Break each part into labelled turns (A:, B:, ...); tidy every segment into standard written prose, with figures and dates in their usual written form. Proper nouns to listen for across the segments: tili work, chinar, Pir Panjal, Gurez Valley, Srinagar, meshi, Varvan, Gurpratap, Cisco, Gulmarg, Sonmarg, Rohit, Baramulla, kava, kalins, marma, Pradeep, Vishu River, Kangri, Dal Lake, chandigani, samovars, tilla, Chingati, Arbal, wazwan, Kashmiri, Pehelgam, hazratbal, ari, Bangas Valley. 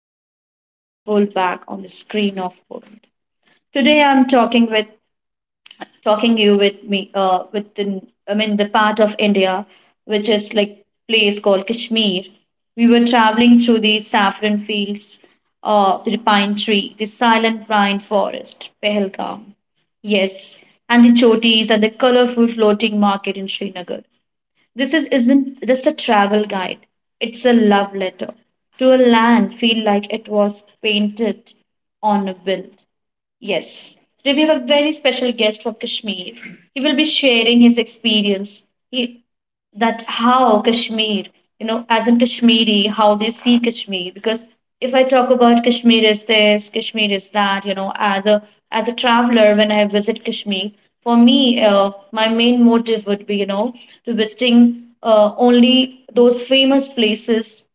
A: a curtain being pulled back on the screen of world. Today I'm talking with talking you with me within I mean the part of India which is like place called Kashmir. We were traveling through the saffron fields, the pine tree, the silent pine forest, Pehelgam. Yes, and the chotis and the colorful floating market in Srinagar. Isn't just a travel guide, it's a love letter to a land feel like it was painted on a bill. Yes, today we have a very special guest from Kashmir. He will be sharing his experience, that how Kashmir, you know, as in Kashmiri, how they see Kashmir. Because if I talk about Kashmir is this, Kashmir is that, you know, as a traveler when I visit Kashmir, for me, my main motive would be, you know, to visiting only those famous places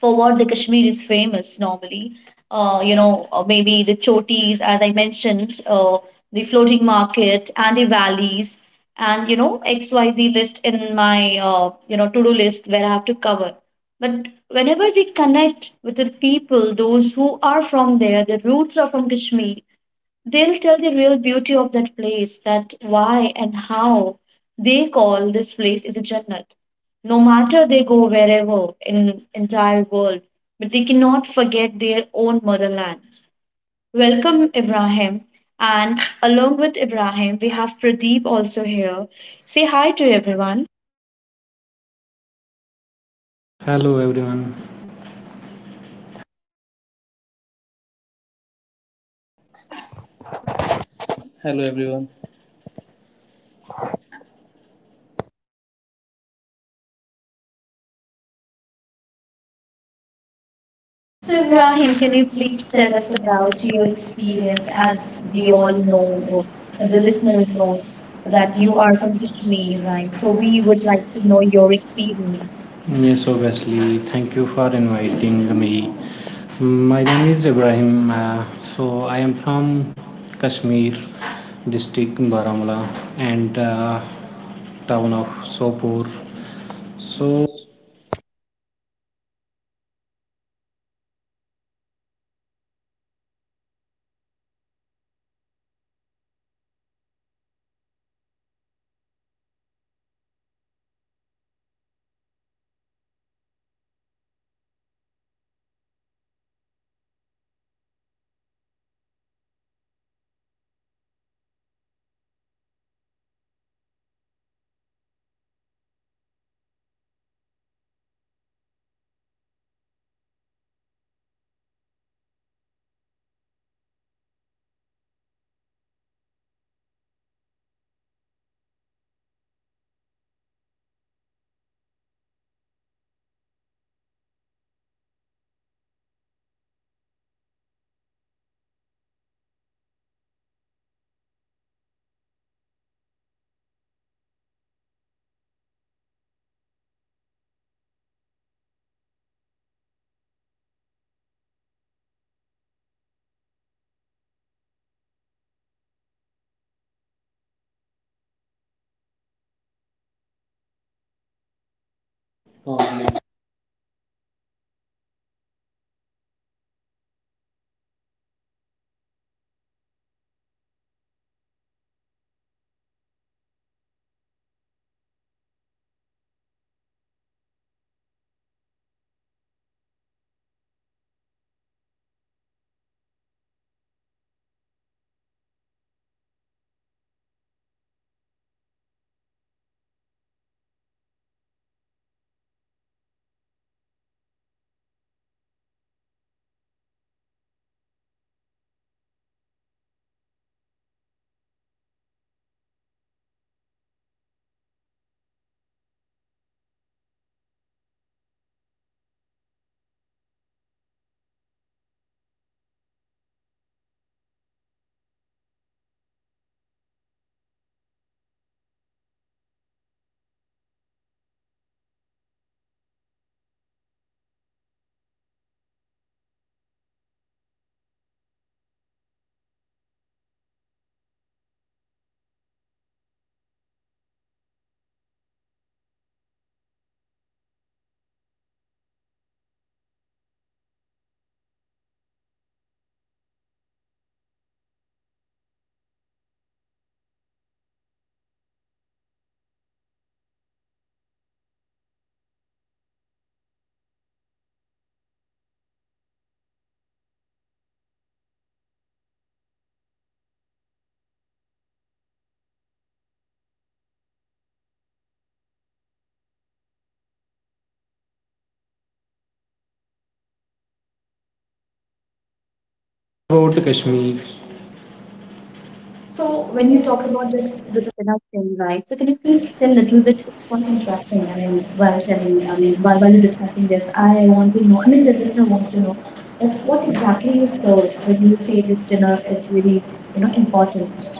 A: for what the Kashmir is famous normally. Maybe the chotis, as I mentioned, the floating market and the valleys, and XYZ list in my to do list where I have to cover. But whenever we connect with the people, those who are from there, the roots are from Kashmir, they'll tell the real beauty of that place, that why and how they call this place is a Jannat. No matter they go wherever in entire world, but they cannot forget their own motherland. Welcome, Ibrahim. And along with Ibrahim, we have Pradeep also here. Say hi to everyone.
B: Hello everyone.
C: Hello everyone.
A: So,
B: So,
A: Ibrahim, can
B: Rahim,
A: you please
B: please tell
A: tell
B: us
A: us about
B: about your
A: your experience
B: experience.
A: as
B: As we
A: we
B: all
A: all know,
B: know,
A: or
B: or the
A: the
B: listener
A: listener knows,
B: knows,
A: that
B: that you
A: you
B: are
A: are
B: from
A: from
B: Kashmir,
A: Kashmir, right?
B: right? So,
A: So,
B: we
A: we
B: would
A: would
B: like
A: like
B: to
A: to
B: know
A: know
B: your
A: your experience.
B: experience. Yes, obviously. Thank you for inviting me. My name is Ibrahim. So I am from Kashmir, district Baramulla, and town of Sopor. So
C: So um,
B: about Kashmir, so
A: So,
B: when
A: when
B: you
A: you
B: talk
A: talk about
B: about
A: this
B: this, the
A: Duttapina thing, right? So, can you please
B: increase a
A: tell a
B: little
A: little
B: bit,
A: bit? It's
B: it's quite
A: quite
B: interesting.
A: interesting,
B: I
A: I
B: mean,
A: mean,
B: while
A: while
B: telling me,
A: telling,
B: I
A: I
B: mean,
A: mean,
B: while
A: while, while
B: are
A: you're
B: discussing
A: discussing this.
B: this,
A: I
B: I want
A: want to
B: to
A: know,
B: know, I
A: I
B: mean,
A: mean,
B: the
A: the
B: listener
A: listener
B: wants
A: wants
B: to
A: to
B: know
A: know what,
B: that what
A: what exactly
B: exactly is
A: is
B: the,
A: served when
B: when you
A: you
B: say
A: say
B: this
A: this
B: dinner
A: dinner is
B: is the,
A: really, you know, important.
B: important.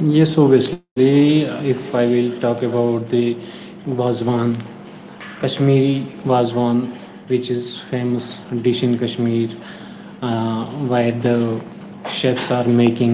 B: Yes, obviously, if I will talk about the Vazwan, Kashmiri Vazwan, which is famous dish in Kashmir, uh, where the chefs are making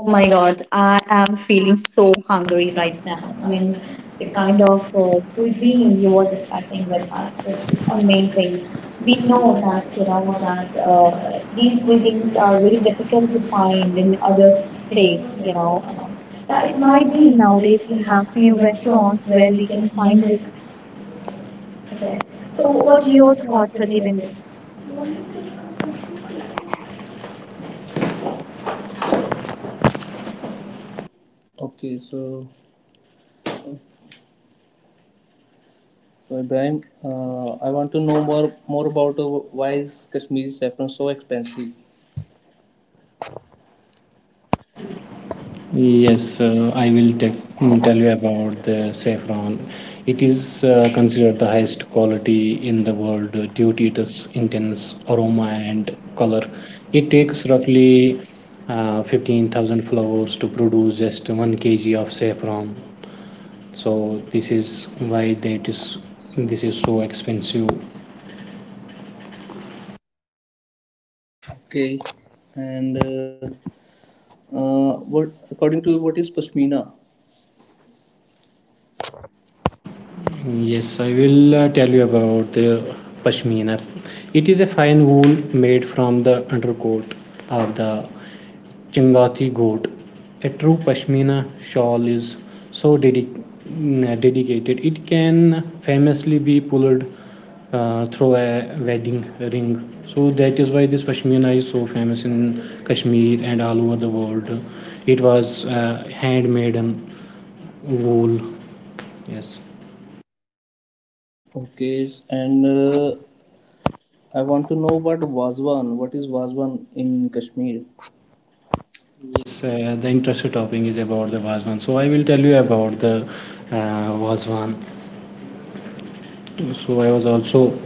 A: Oh my God, I am feeling so hungry right
B: right
A: now.
B: now.
A: I
B: I
A: mean,
B: mean,
A: the
B: the
A: kind
B: kind
A: of
B: of
A: cuisine
B: cuisine
A: you
B: you
A: were
B: were
A: discussing
B: discussing
A: with
B: with
A: us,
B: us
A: it is
B: is
A: amazing.
B: amazing.
A: We
B: We
A: know
B: know
A: that,
B: that
A: you
B: you
A: know,
B: know
A: that
B: that
A: these
B: these
A: cuisines
B: cuisines
A: are
B: are very
A: very difficult
B: difficult to
A: to find
B: find
A: in
B: in other
A: other states,
B: states. You
A: you
B: know,
A: know.
B: yeah,
A: It
B: it might
A: might be
B: be nowadays
A: nowadays we
B: we
A: have
B: have
A: few
B: few restaurants
A: restaurants
B: where
A: where
B: we
A: we
B: can
A: can
B: find
A: find this
B: this. Okay.
A: again.
B: So,
A: So
B: what
A: what's
B: your
A: your thought,
B: thought, Pradeep, in
A: Pratibin?
B: this?
C: Okay, so Ibrahim, I want to know more about why is Kashmiri saffron so expensive?
B: Yes, I will tell you about the saffron. It is considered the highest quality in the world due to its intense aroma and color. It takes roughly 15,000 flowers to produce just 1 kg of saffron. So this is why that is this is so expensive.
C: Okay, and uh, what according to you, what is pashmina?
B: Yes, I will tell you about the pashmina. It is a fine wool made from the undercoat of the Chingati goat. A true Pashmina shawl is so dedicated it can famously be pulled through a wedding ring. So that is why this Pashmina is so famous in Kashmir and all over the world. It was handmade and wool. Yes.
C: Okay, and I want to know about wazwan. What is wazwan in Kashmir?
B: Yes, the interesting topic is about the Vazwan. So I will tell you about the Vazwan. So I was also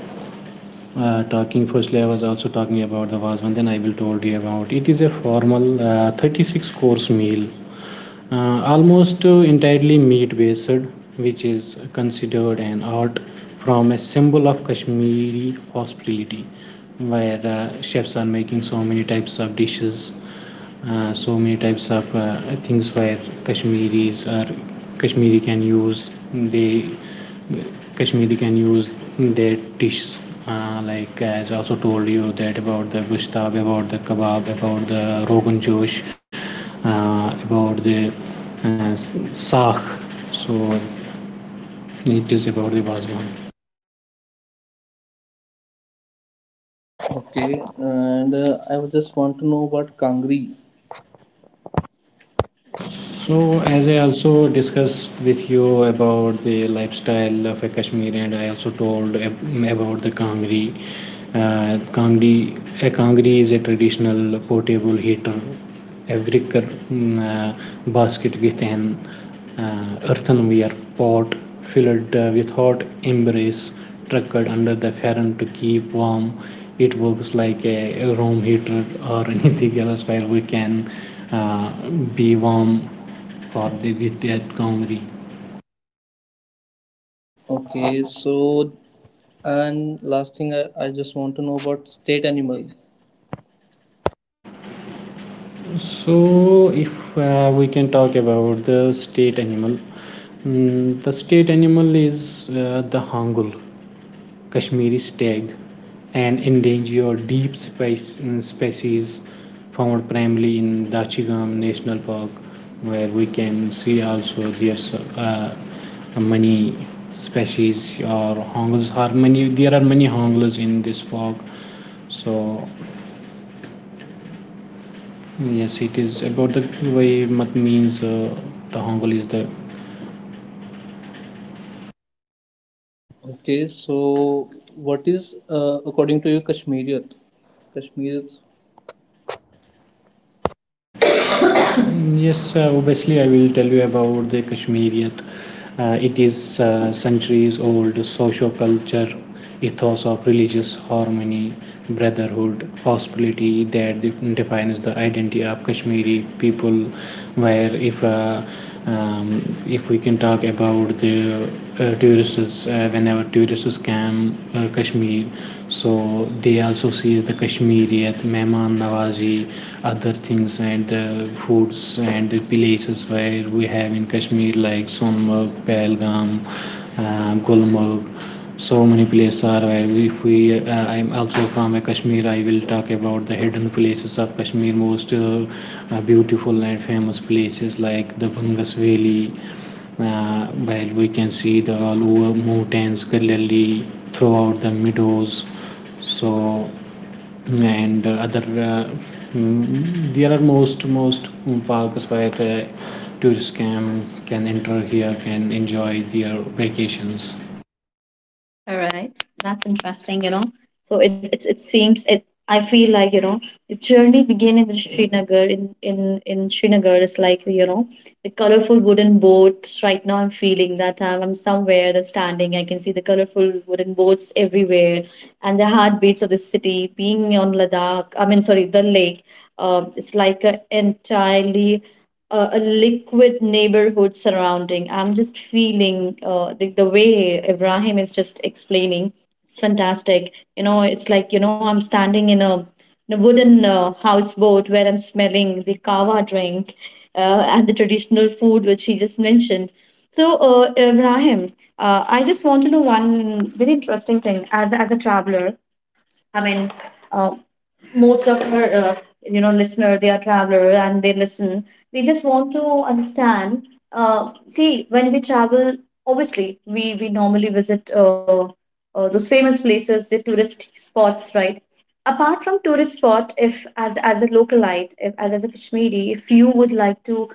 B: talking, firstly I was also talking about the vasman, then I will told you about it. Is a formal 36 course meal, almost entirely meat based, which is considered an art from, a symbol of Kashmiri hospitality, where chefs are making so many types of dishes, so many types of things where Kashmiris or Kashmiri can use, they Kashmiri can use their dishes, like as also told you, that about the gushtab, about the kebab, about the rogan josh, about the uh, saag. So it is about the basman.
C: Okay, and I would just want to know about kangri. So
B: So, as I also discussed with you about the lifestyle of a Kashmiri, and I also told about the Kangri. Kangri, a Kangri is a traditional portable heater, a wicker mm, uh, basket with an earthenware pot filled with hot embers tucked under the fan to keep warm. It works like a room heater or anything else where we can uh, be warm for the with that Gomri.
C: Okay, and last thing I just want to know about state animal.
B: So if we can talk about the state animal, the state animal is the hangul. Kashmiri stag, an endangered deep species found primarily in Dachigam National Park, where we can see also there's many species or hongles. Are many, there are many hongles in this park. So yes, it is about the way mat means the hongle is the.
C: Okay, so what is, according to you, Kashmiriyat? Kashmiriyat?
B: Yes, obviously, I will tell you about the Kashmiriyat. It is centuries old socio culture ethos of religious harmony, brotherhood, hospitality that defines the identity of Kashmiri people. Where um, if we can talk about the tourists, whenever tourists come Kashmir, so they also sees the Kashmiriyat, Mehman Nawazi, other things and the foods and the places where we have in Kashmir like Sonmarg, Pahalgam, Gulmarg. So many places are where we, if we I'm also from Kashmir. I will talk about the hidden places of Kashmir, most beautiful and famous places like the Bangas Valley, while we can see the lower mountains clearly throughout the meadows. So and other there are most parks where tourists can enter here, can enjoy their vacations.
A: All right, that's interesting. You know, so it seems it. I feel like you know the journey began in Srinagar. In Srinagar is like you know the colorful wooden boats. Right now, I'm feeling that I'm somewhere that's standing. I can see the colorful wooden boats everywhere, and the heartbeats of the city. Being on Ladakh, I mean, sorry, the lake. It's like an entirely a liquid neighborhood surrounding. I'm just feeling the way Ibrahim is just explaining. It's fantastic. You know, it's like, you know, I'm standing in a wooden houseboat where I'm smelling the kava drink uh, and the traditional food, which he just mentioned. So, Ibrahim, I just want to know one very interesting thing as a traveler. I mean, uh, most of our you know listener they are traveler and they listen, they just want to understand, see when we travel obviously we normally visit those famous places, the tourist spots, right? Apart from tourist spot, if as as a localite, if, as a kashmiri, if you would like to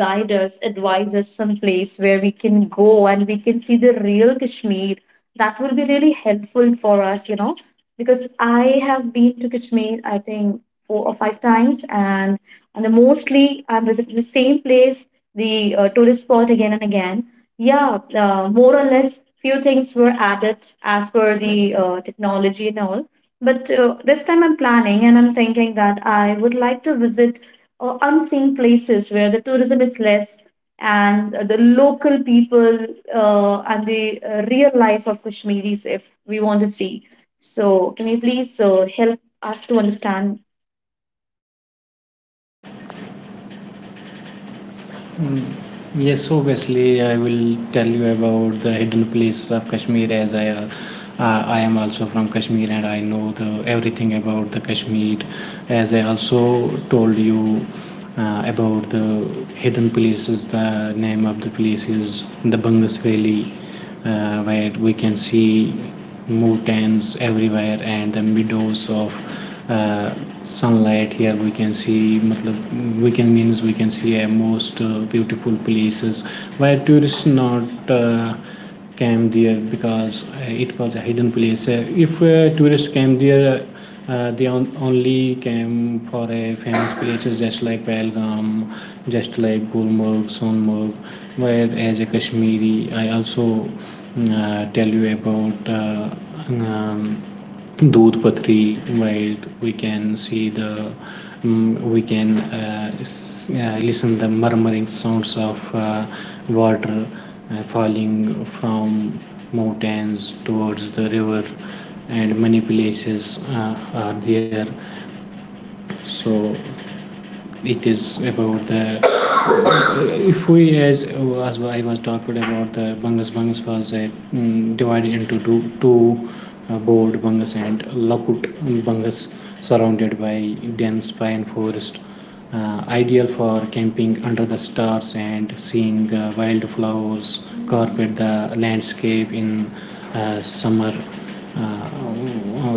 A: guide us, advise us some place where we can go and we can see the real Kashmir, that will be really helpful for us, you know, because I have been to Kashmir, I think four or five times, and then mostly I visit the same place, the tourist spot again and again. Yeah, more or less, few things were added as per the technology and all. But this time I'm planning and I'm thinking that I would like to visit unseen places where the tourism is less and the local people and the real life of Kashmiris if we want to see. So, can you please help us to understand.
B: Mm, Yes, obviously, I will tell you about the hidden place of Kashmir as I am also from Kashmir and I know the everything about the Kashmir. As I also told you about the hidden places, the name of the places, the Bangas Valley, where we can see mountains everywhere and the meadows of uh, sunlight here we can see matlab, we can means we can see a most beautiful places where tourists not came there because it was a hidden place. If tourists came there, they only came for a famous places just like Pahalgam, just like Gulmarg, Sonmarg. Where as a Kashmiri, I also tell you about um, Dudhpatri, while we can see the we can listen the murmuring sounds of water falling from mountains towards the river and many places are there. So it is about the. If we, as I was talking about the bangas, divided into two board bangas and lakut bangas, surrounded by dense pine forest, ideal for camping under the stars and seeing wildflowers carpet the landscape in summer. uh,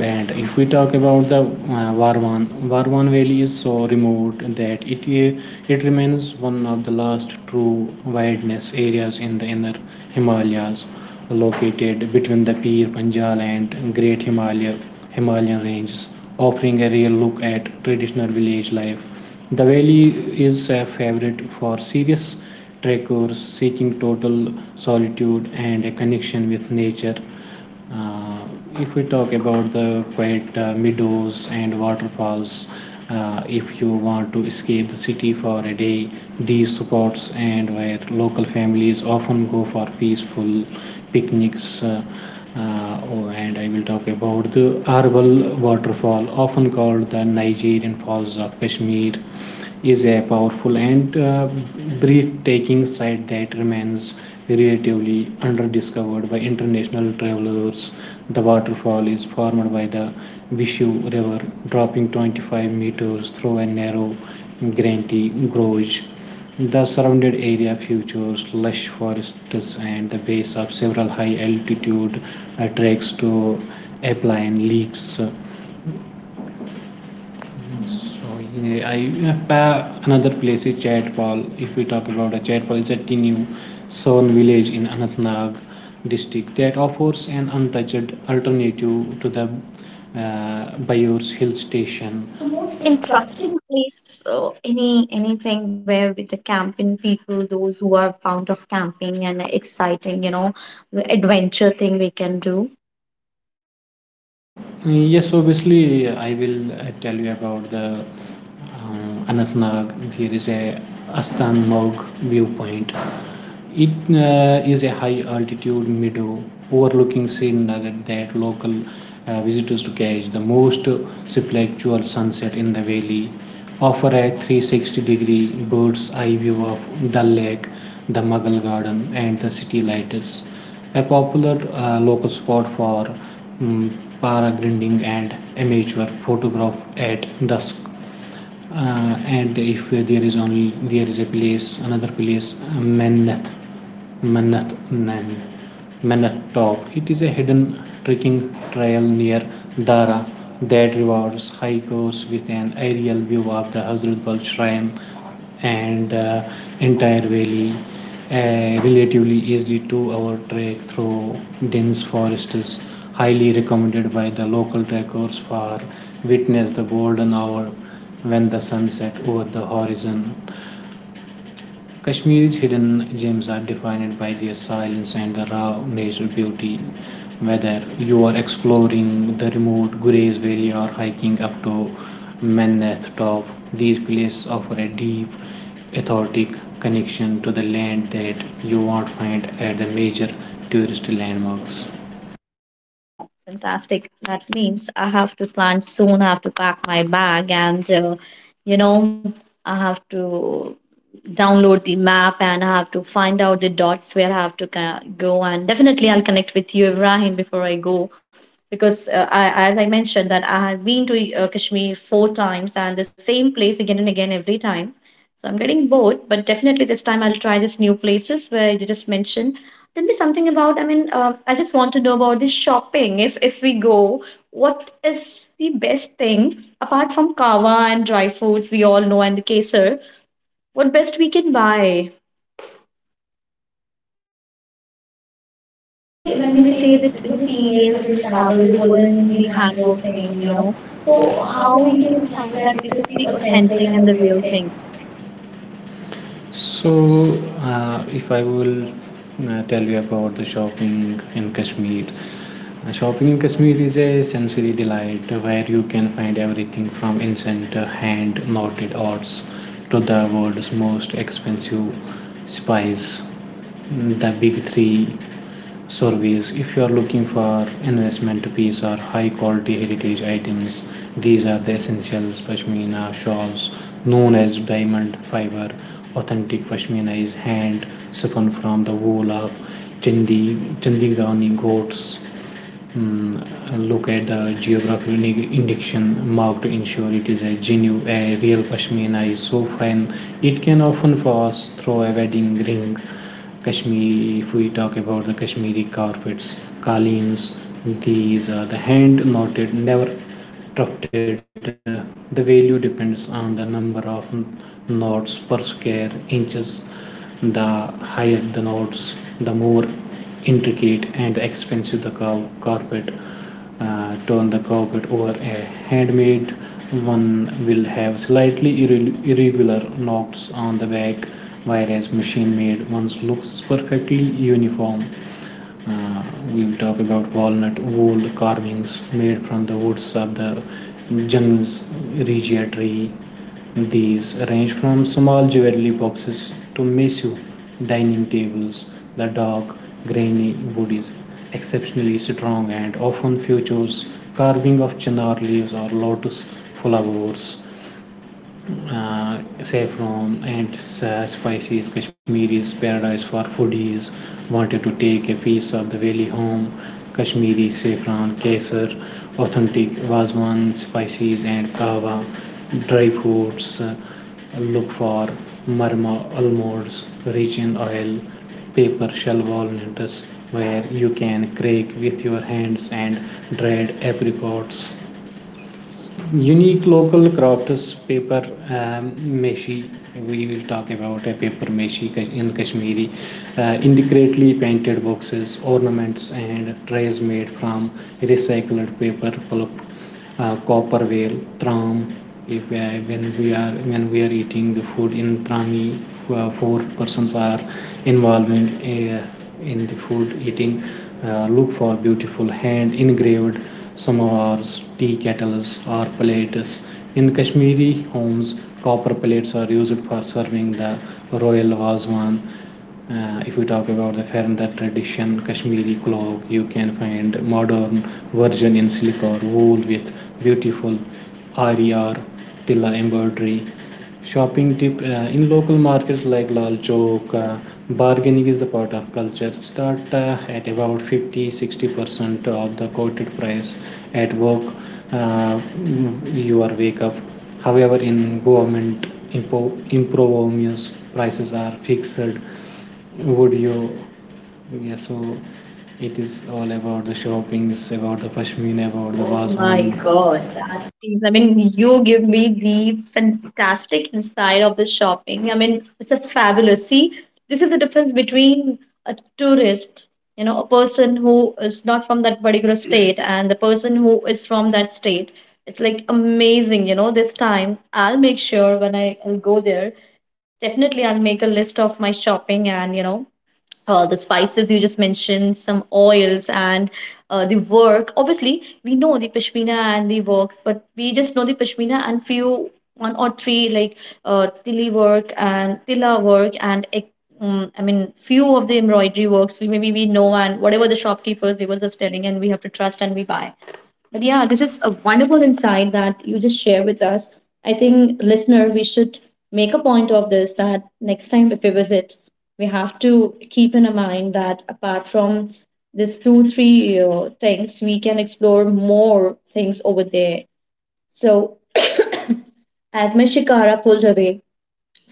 B: and if we talk about the Varvan, Varvan Valley is so remote that it remains one of the last true wilderness areas in the inner Himalayas, located between the Pir Panjal and Great Himalayan ranges, offering a real look at traditional village life. The valley is a favorite for serious trekkers seeking total solitude and a connection with nature. uh, if we talk about the quiet meadows and waterfalls, if you want to escape the city for a day, these spots and where local families often go for peaceful picnics. Oh, and I will talk about the Arbal waterfall, often called the Nigerian Falls of Kashmir, is a powerful and breathtaking sight that remains relatively underdiscovered by international travelers. The waterfall is formed by the Vishu River dropping 25 meters through a narrow granite gorge. The surrounded area features lush forests and the base of several high altitude treks to alpine lakes. So yeah, I have another place is Chaitpal. If we talk about a Chaitpal, is a tiny Sown village in Anantnag district that offers an untouched alternative to the Bayur's hill station.
A: So,
B: So
A: most
B: most interesting.
A: interesting place, anything where with the camping people, those who are fond of camping and exciting, you know, adventure thing we can do?
B: Yes, obviously, I will tell you about the Anantnag. There is a Asthan Mog viewpoint. It is a high altitude meadow overlooking Srinagar that local visitors to catch the most spectacular sunset in the valley. Offer a 360 degree bird's eye view of Dal Lake, the Mughal Garden, and the city lights. A popular local spot for um, paragliding and amateur photograph at dusk, and if there is only there is a place another place Manat, Manat mannat nami mannat top, it is a hidden trekking trail near dara that rewards hikers with an aerial view of the hazratbal shrine and entire valley, relatively easy to hour trek through dense forest is highly recommended by the local trekkers for witness the golden hour when the sun set over the horizon. Kashmir's hidden gems are defined by their silence and the raw natural beauty. Whether you are exploring the remote Gurez Valley or hiking up to Mannath Top, these places offer a deep, authentic connection to the land that you won't find at the major tourist landmarks.
A: Wow, fantastic. That means I have to plan soon. I have to pack my bag and, you know, I have to download the map and I have to find out the dots where I have to go. And definitely I'll connect with you, Ibrahim, before I go. Because as I mentioned, that I have been to Kashmir four times and the same place again and again every time. So I'm getting bored, but definitely this time I'll try these new places where you just mentioned. Tell me something about, I mean, I just want to know about this shopping. If we go, what is the best thing apart from kava and dry foods we all know and the kesar? What best we can buy?
B: Especially
A: Especially
B: when
A: when
B: we
A: we say
B: say
A: that,
B: that the
A: you know,
B: females
A: females
B: that
A: when
B: we
A: we
B: travel,
A: travel,
B: the
A: the
B: women,
A: woolen,
B: the
A: the
B: handwork
A: handwork
B: thing,
A: thing,
B: you
A: you
B: know.
A: know.
B: So
A: So
B: how
A: how
B: we
A: we
B: can
A: can
B: find
A: find that
B: that this
A: this
B: is
A: is
B: the
A: the
B: authentic
A: authentic
B: and
A: and
B: the
A: the
B: real
A: real
B: thing?
A: thing?
B: So, if I will tell you about the shopping in Kashmir is a sensory delight where you can find everything from ancient hand knotted arts to the world's most expensive spice. The big three surveys, if you are looking for investment piece or high quality heritage items, these are the essentials: pashmina shawls known as diamond fiber. Authentic pashmina is hand spun from the wool of chandigani goats. mm, Look at the geographical indication marked to ensure it is a genuine, a real pashmina is so fine. It can often pass through a wedding ring. Kashmir, if we talk about the Kashmiri carpets, kalins, these are the hand knotted, never tufted. The value depends on the number of knots per square inches. The higher the knots, the more intricate and expensive the carpet. Turn the carpet over, a handmade one will have slightly irregular knots on the back, whereas machine made ones looks perfectly uniform. Uh, we will talk about walnut wool carvings made from the woods of the Jungs regia tree. These range from small jewelry boxes to massive dining tables. The dark, grainy wood is exceptionally strong and often features carving of chinar leaves or lotus flowers. Saffron and spices. Kashmiri's paradise for foodies wanted to take a piece of the valley home. Kashmiri saffron, kesar, authentic Vazwan spices and kava, dry fruits. Look for marma almonds rich in oil, paper shell walnuts where you can crack with your hands, and dried apricots. Unique local craft is paper um, meshi. We will talk about a paper meshi in Kashmiri, intricately painted boxes, ornaments, and trays made from recycled paper pulp. Copper whale, tram. If when we are eating the food in trami, four persons are involved uh, in the food eating. Look for beautiful hand engraved samovars, tea kettles, or plates. In Kashmiri homes, copper plates are used for serving the royal wazwan. If we talk about the Faranda tradition, Kashmiri cloak, you can find modern version in silk or wool with beautiful ari or tilla embroidery. Shopping tip, in local markets like Lal Chowk, bargaining is a part of culture. Start at about 50 60% of the quoted price at work, uh, your wake up. However, in government improvements, prices are fixed would you yeah so it is all about the shoppings, about the pashmina, about the Oh my
A: Oh my
B: baswan
A: God,
B: god.
A: please. I mean, you give me the fantastic insight of the shopping. I mean, it's a fabulous. See, this is the difference between a tourist, you know, a person who is not from that particular state and the person who is from that state. It's like amazing, you know. This time, I'll make sure when I'll go there, definitely I'll make a list of my shopping and, you know, the spices you just mentioned, some oils, and the work. Obviously, we know the pashmina and the work, but we just know the pashmina and few one or three like tili work and tila work I mean, few of the embroidery works we maybe we know and whatever the shopkeepers they were just telling and we have to trust and we buy. But yeah, this is a wonderful insight that you just share with us. I think, listener, we should make a point of this that next time if we visit, we have to keep in mind that apart from this two, three things, we can explore more things over there. So, as my shikara pulled away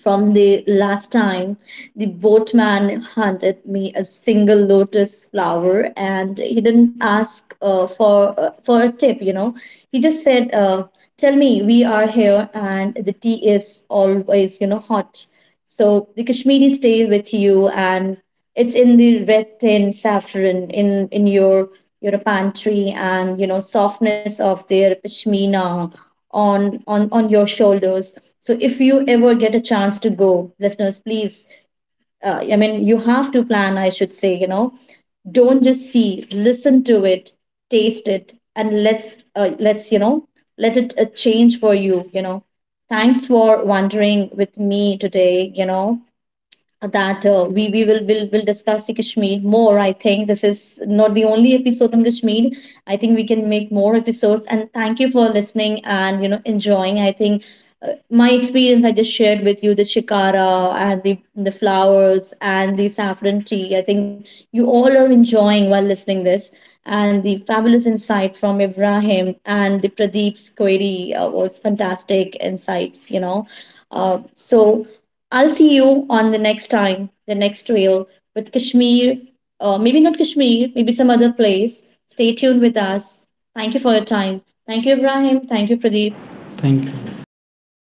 A: from the last time, the boatman handed me a single lotus flower, and he didn't ask for a tip. You know, he just said, "Tell me, we are here, and the tea is always you know hot." So the Kashmiri stays with you, and it's in the red tin saffron in your pantry, and you know softness of their pashmina on your shoulders. So if you ever get a chance to go, listeners, please, I mean, you have to plan, I should say, you know, don't just see, listen to it, taste it, and let's, you know, let it change for you, you know. Thanks for wandering with me today, you know that we will discuss the Kashmir more. I think this is not the only episode on Kashmir. I think we can make more episodes. And thank you for listening and you know enjoying. I think my experience I just shared with you, the shikara and the flowers and the saffron tea. I think you all are enjoying while listening this. And the fabulous insight from Ibrahim and the Pradeep's query was fantastic insights, you know. So I'll see you on the next time, the next trail with Kashmir, maybe not Kashmir, maybe some other place. Stay tuned with us. Thank you for your time. Thank you, Ibrahim. Thank you, Pradeep.
B: Thank you
C: Thank you, ma'am.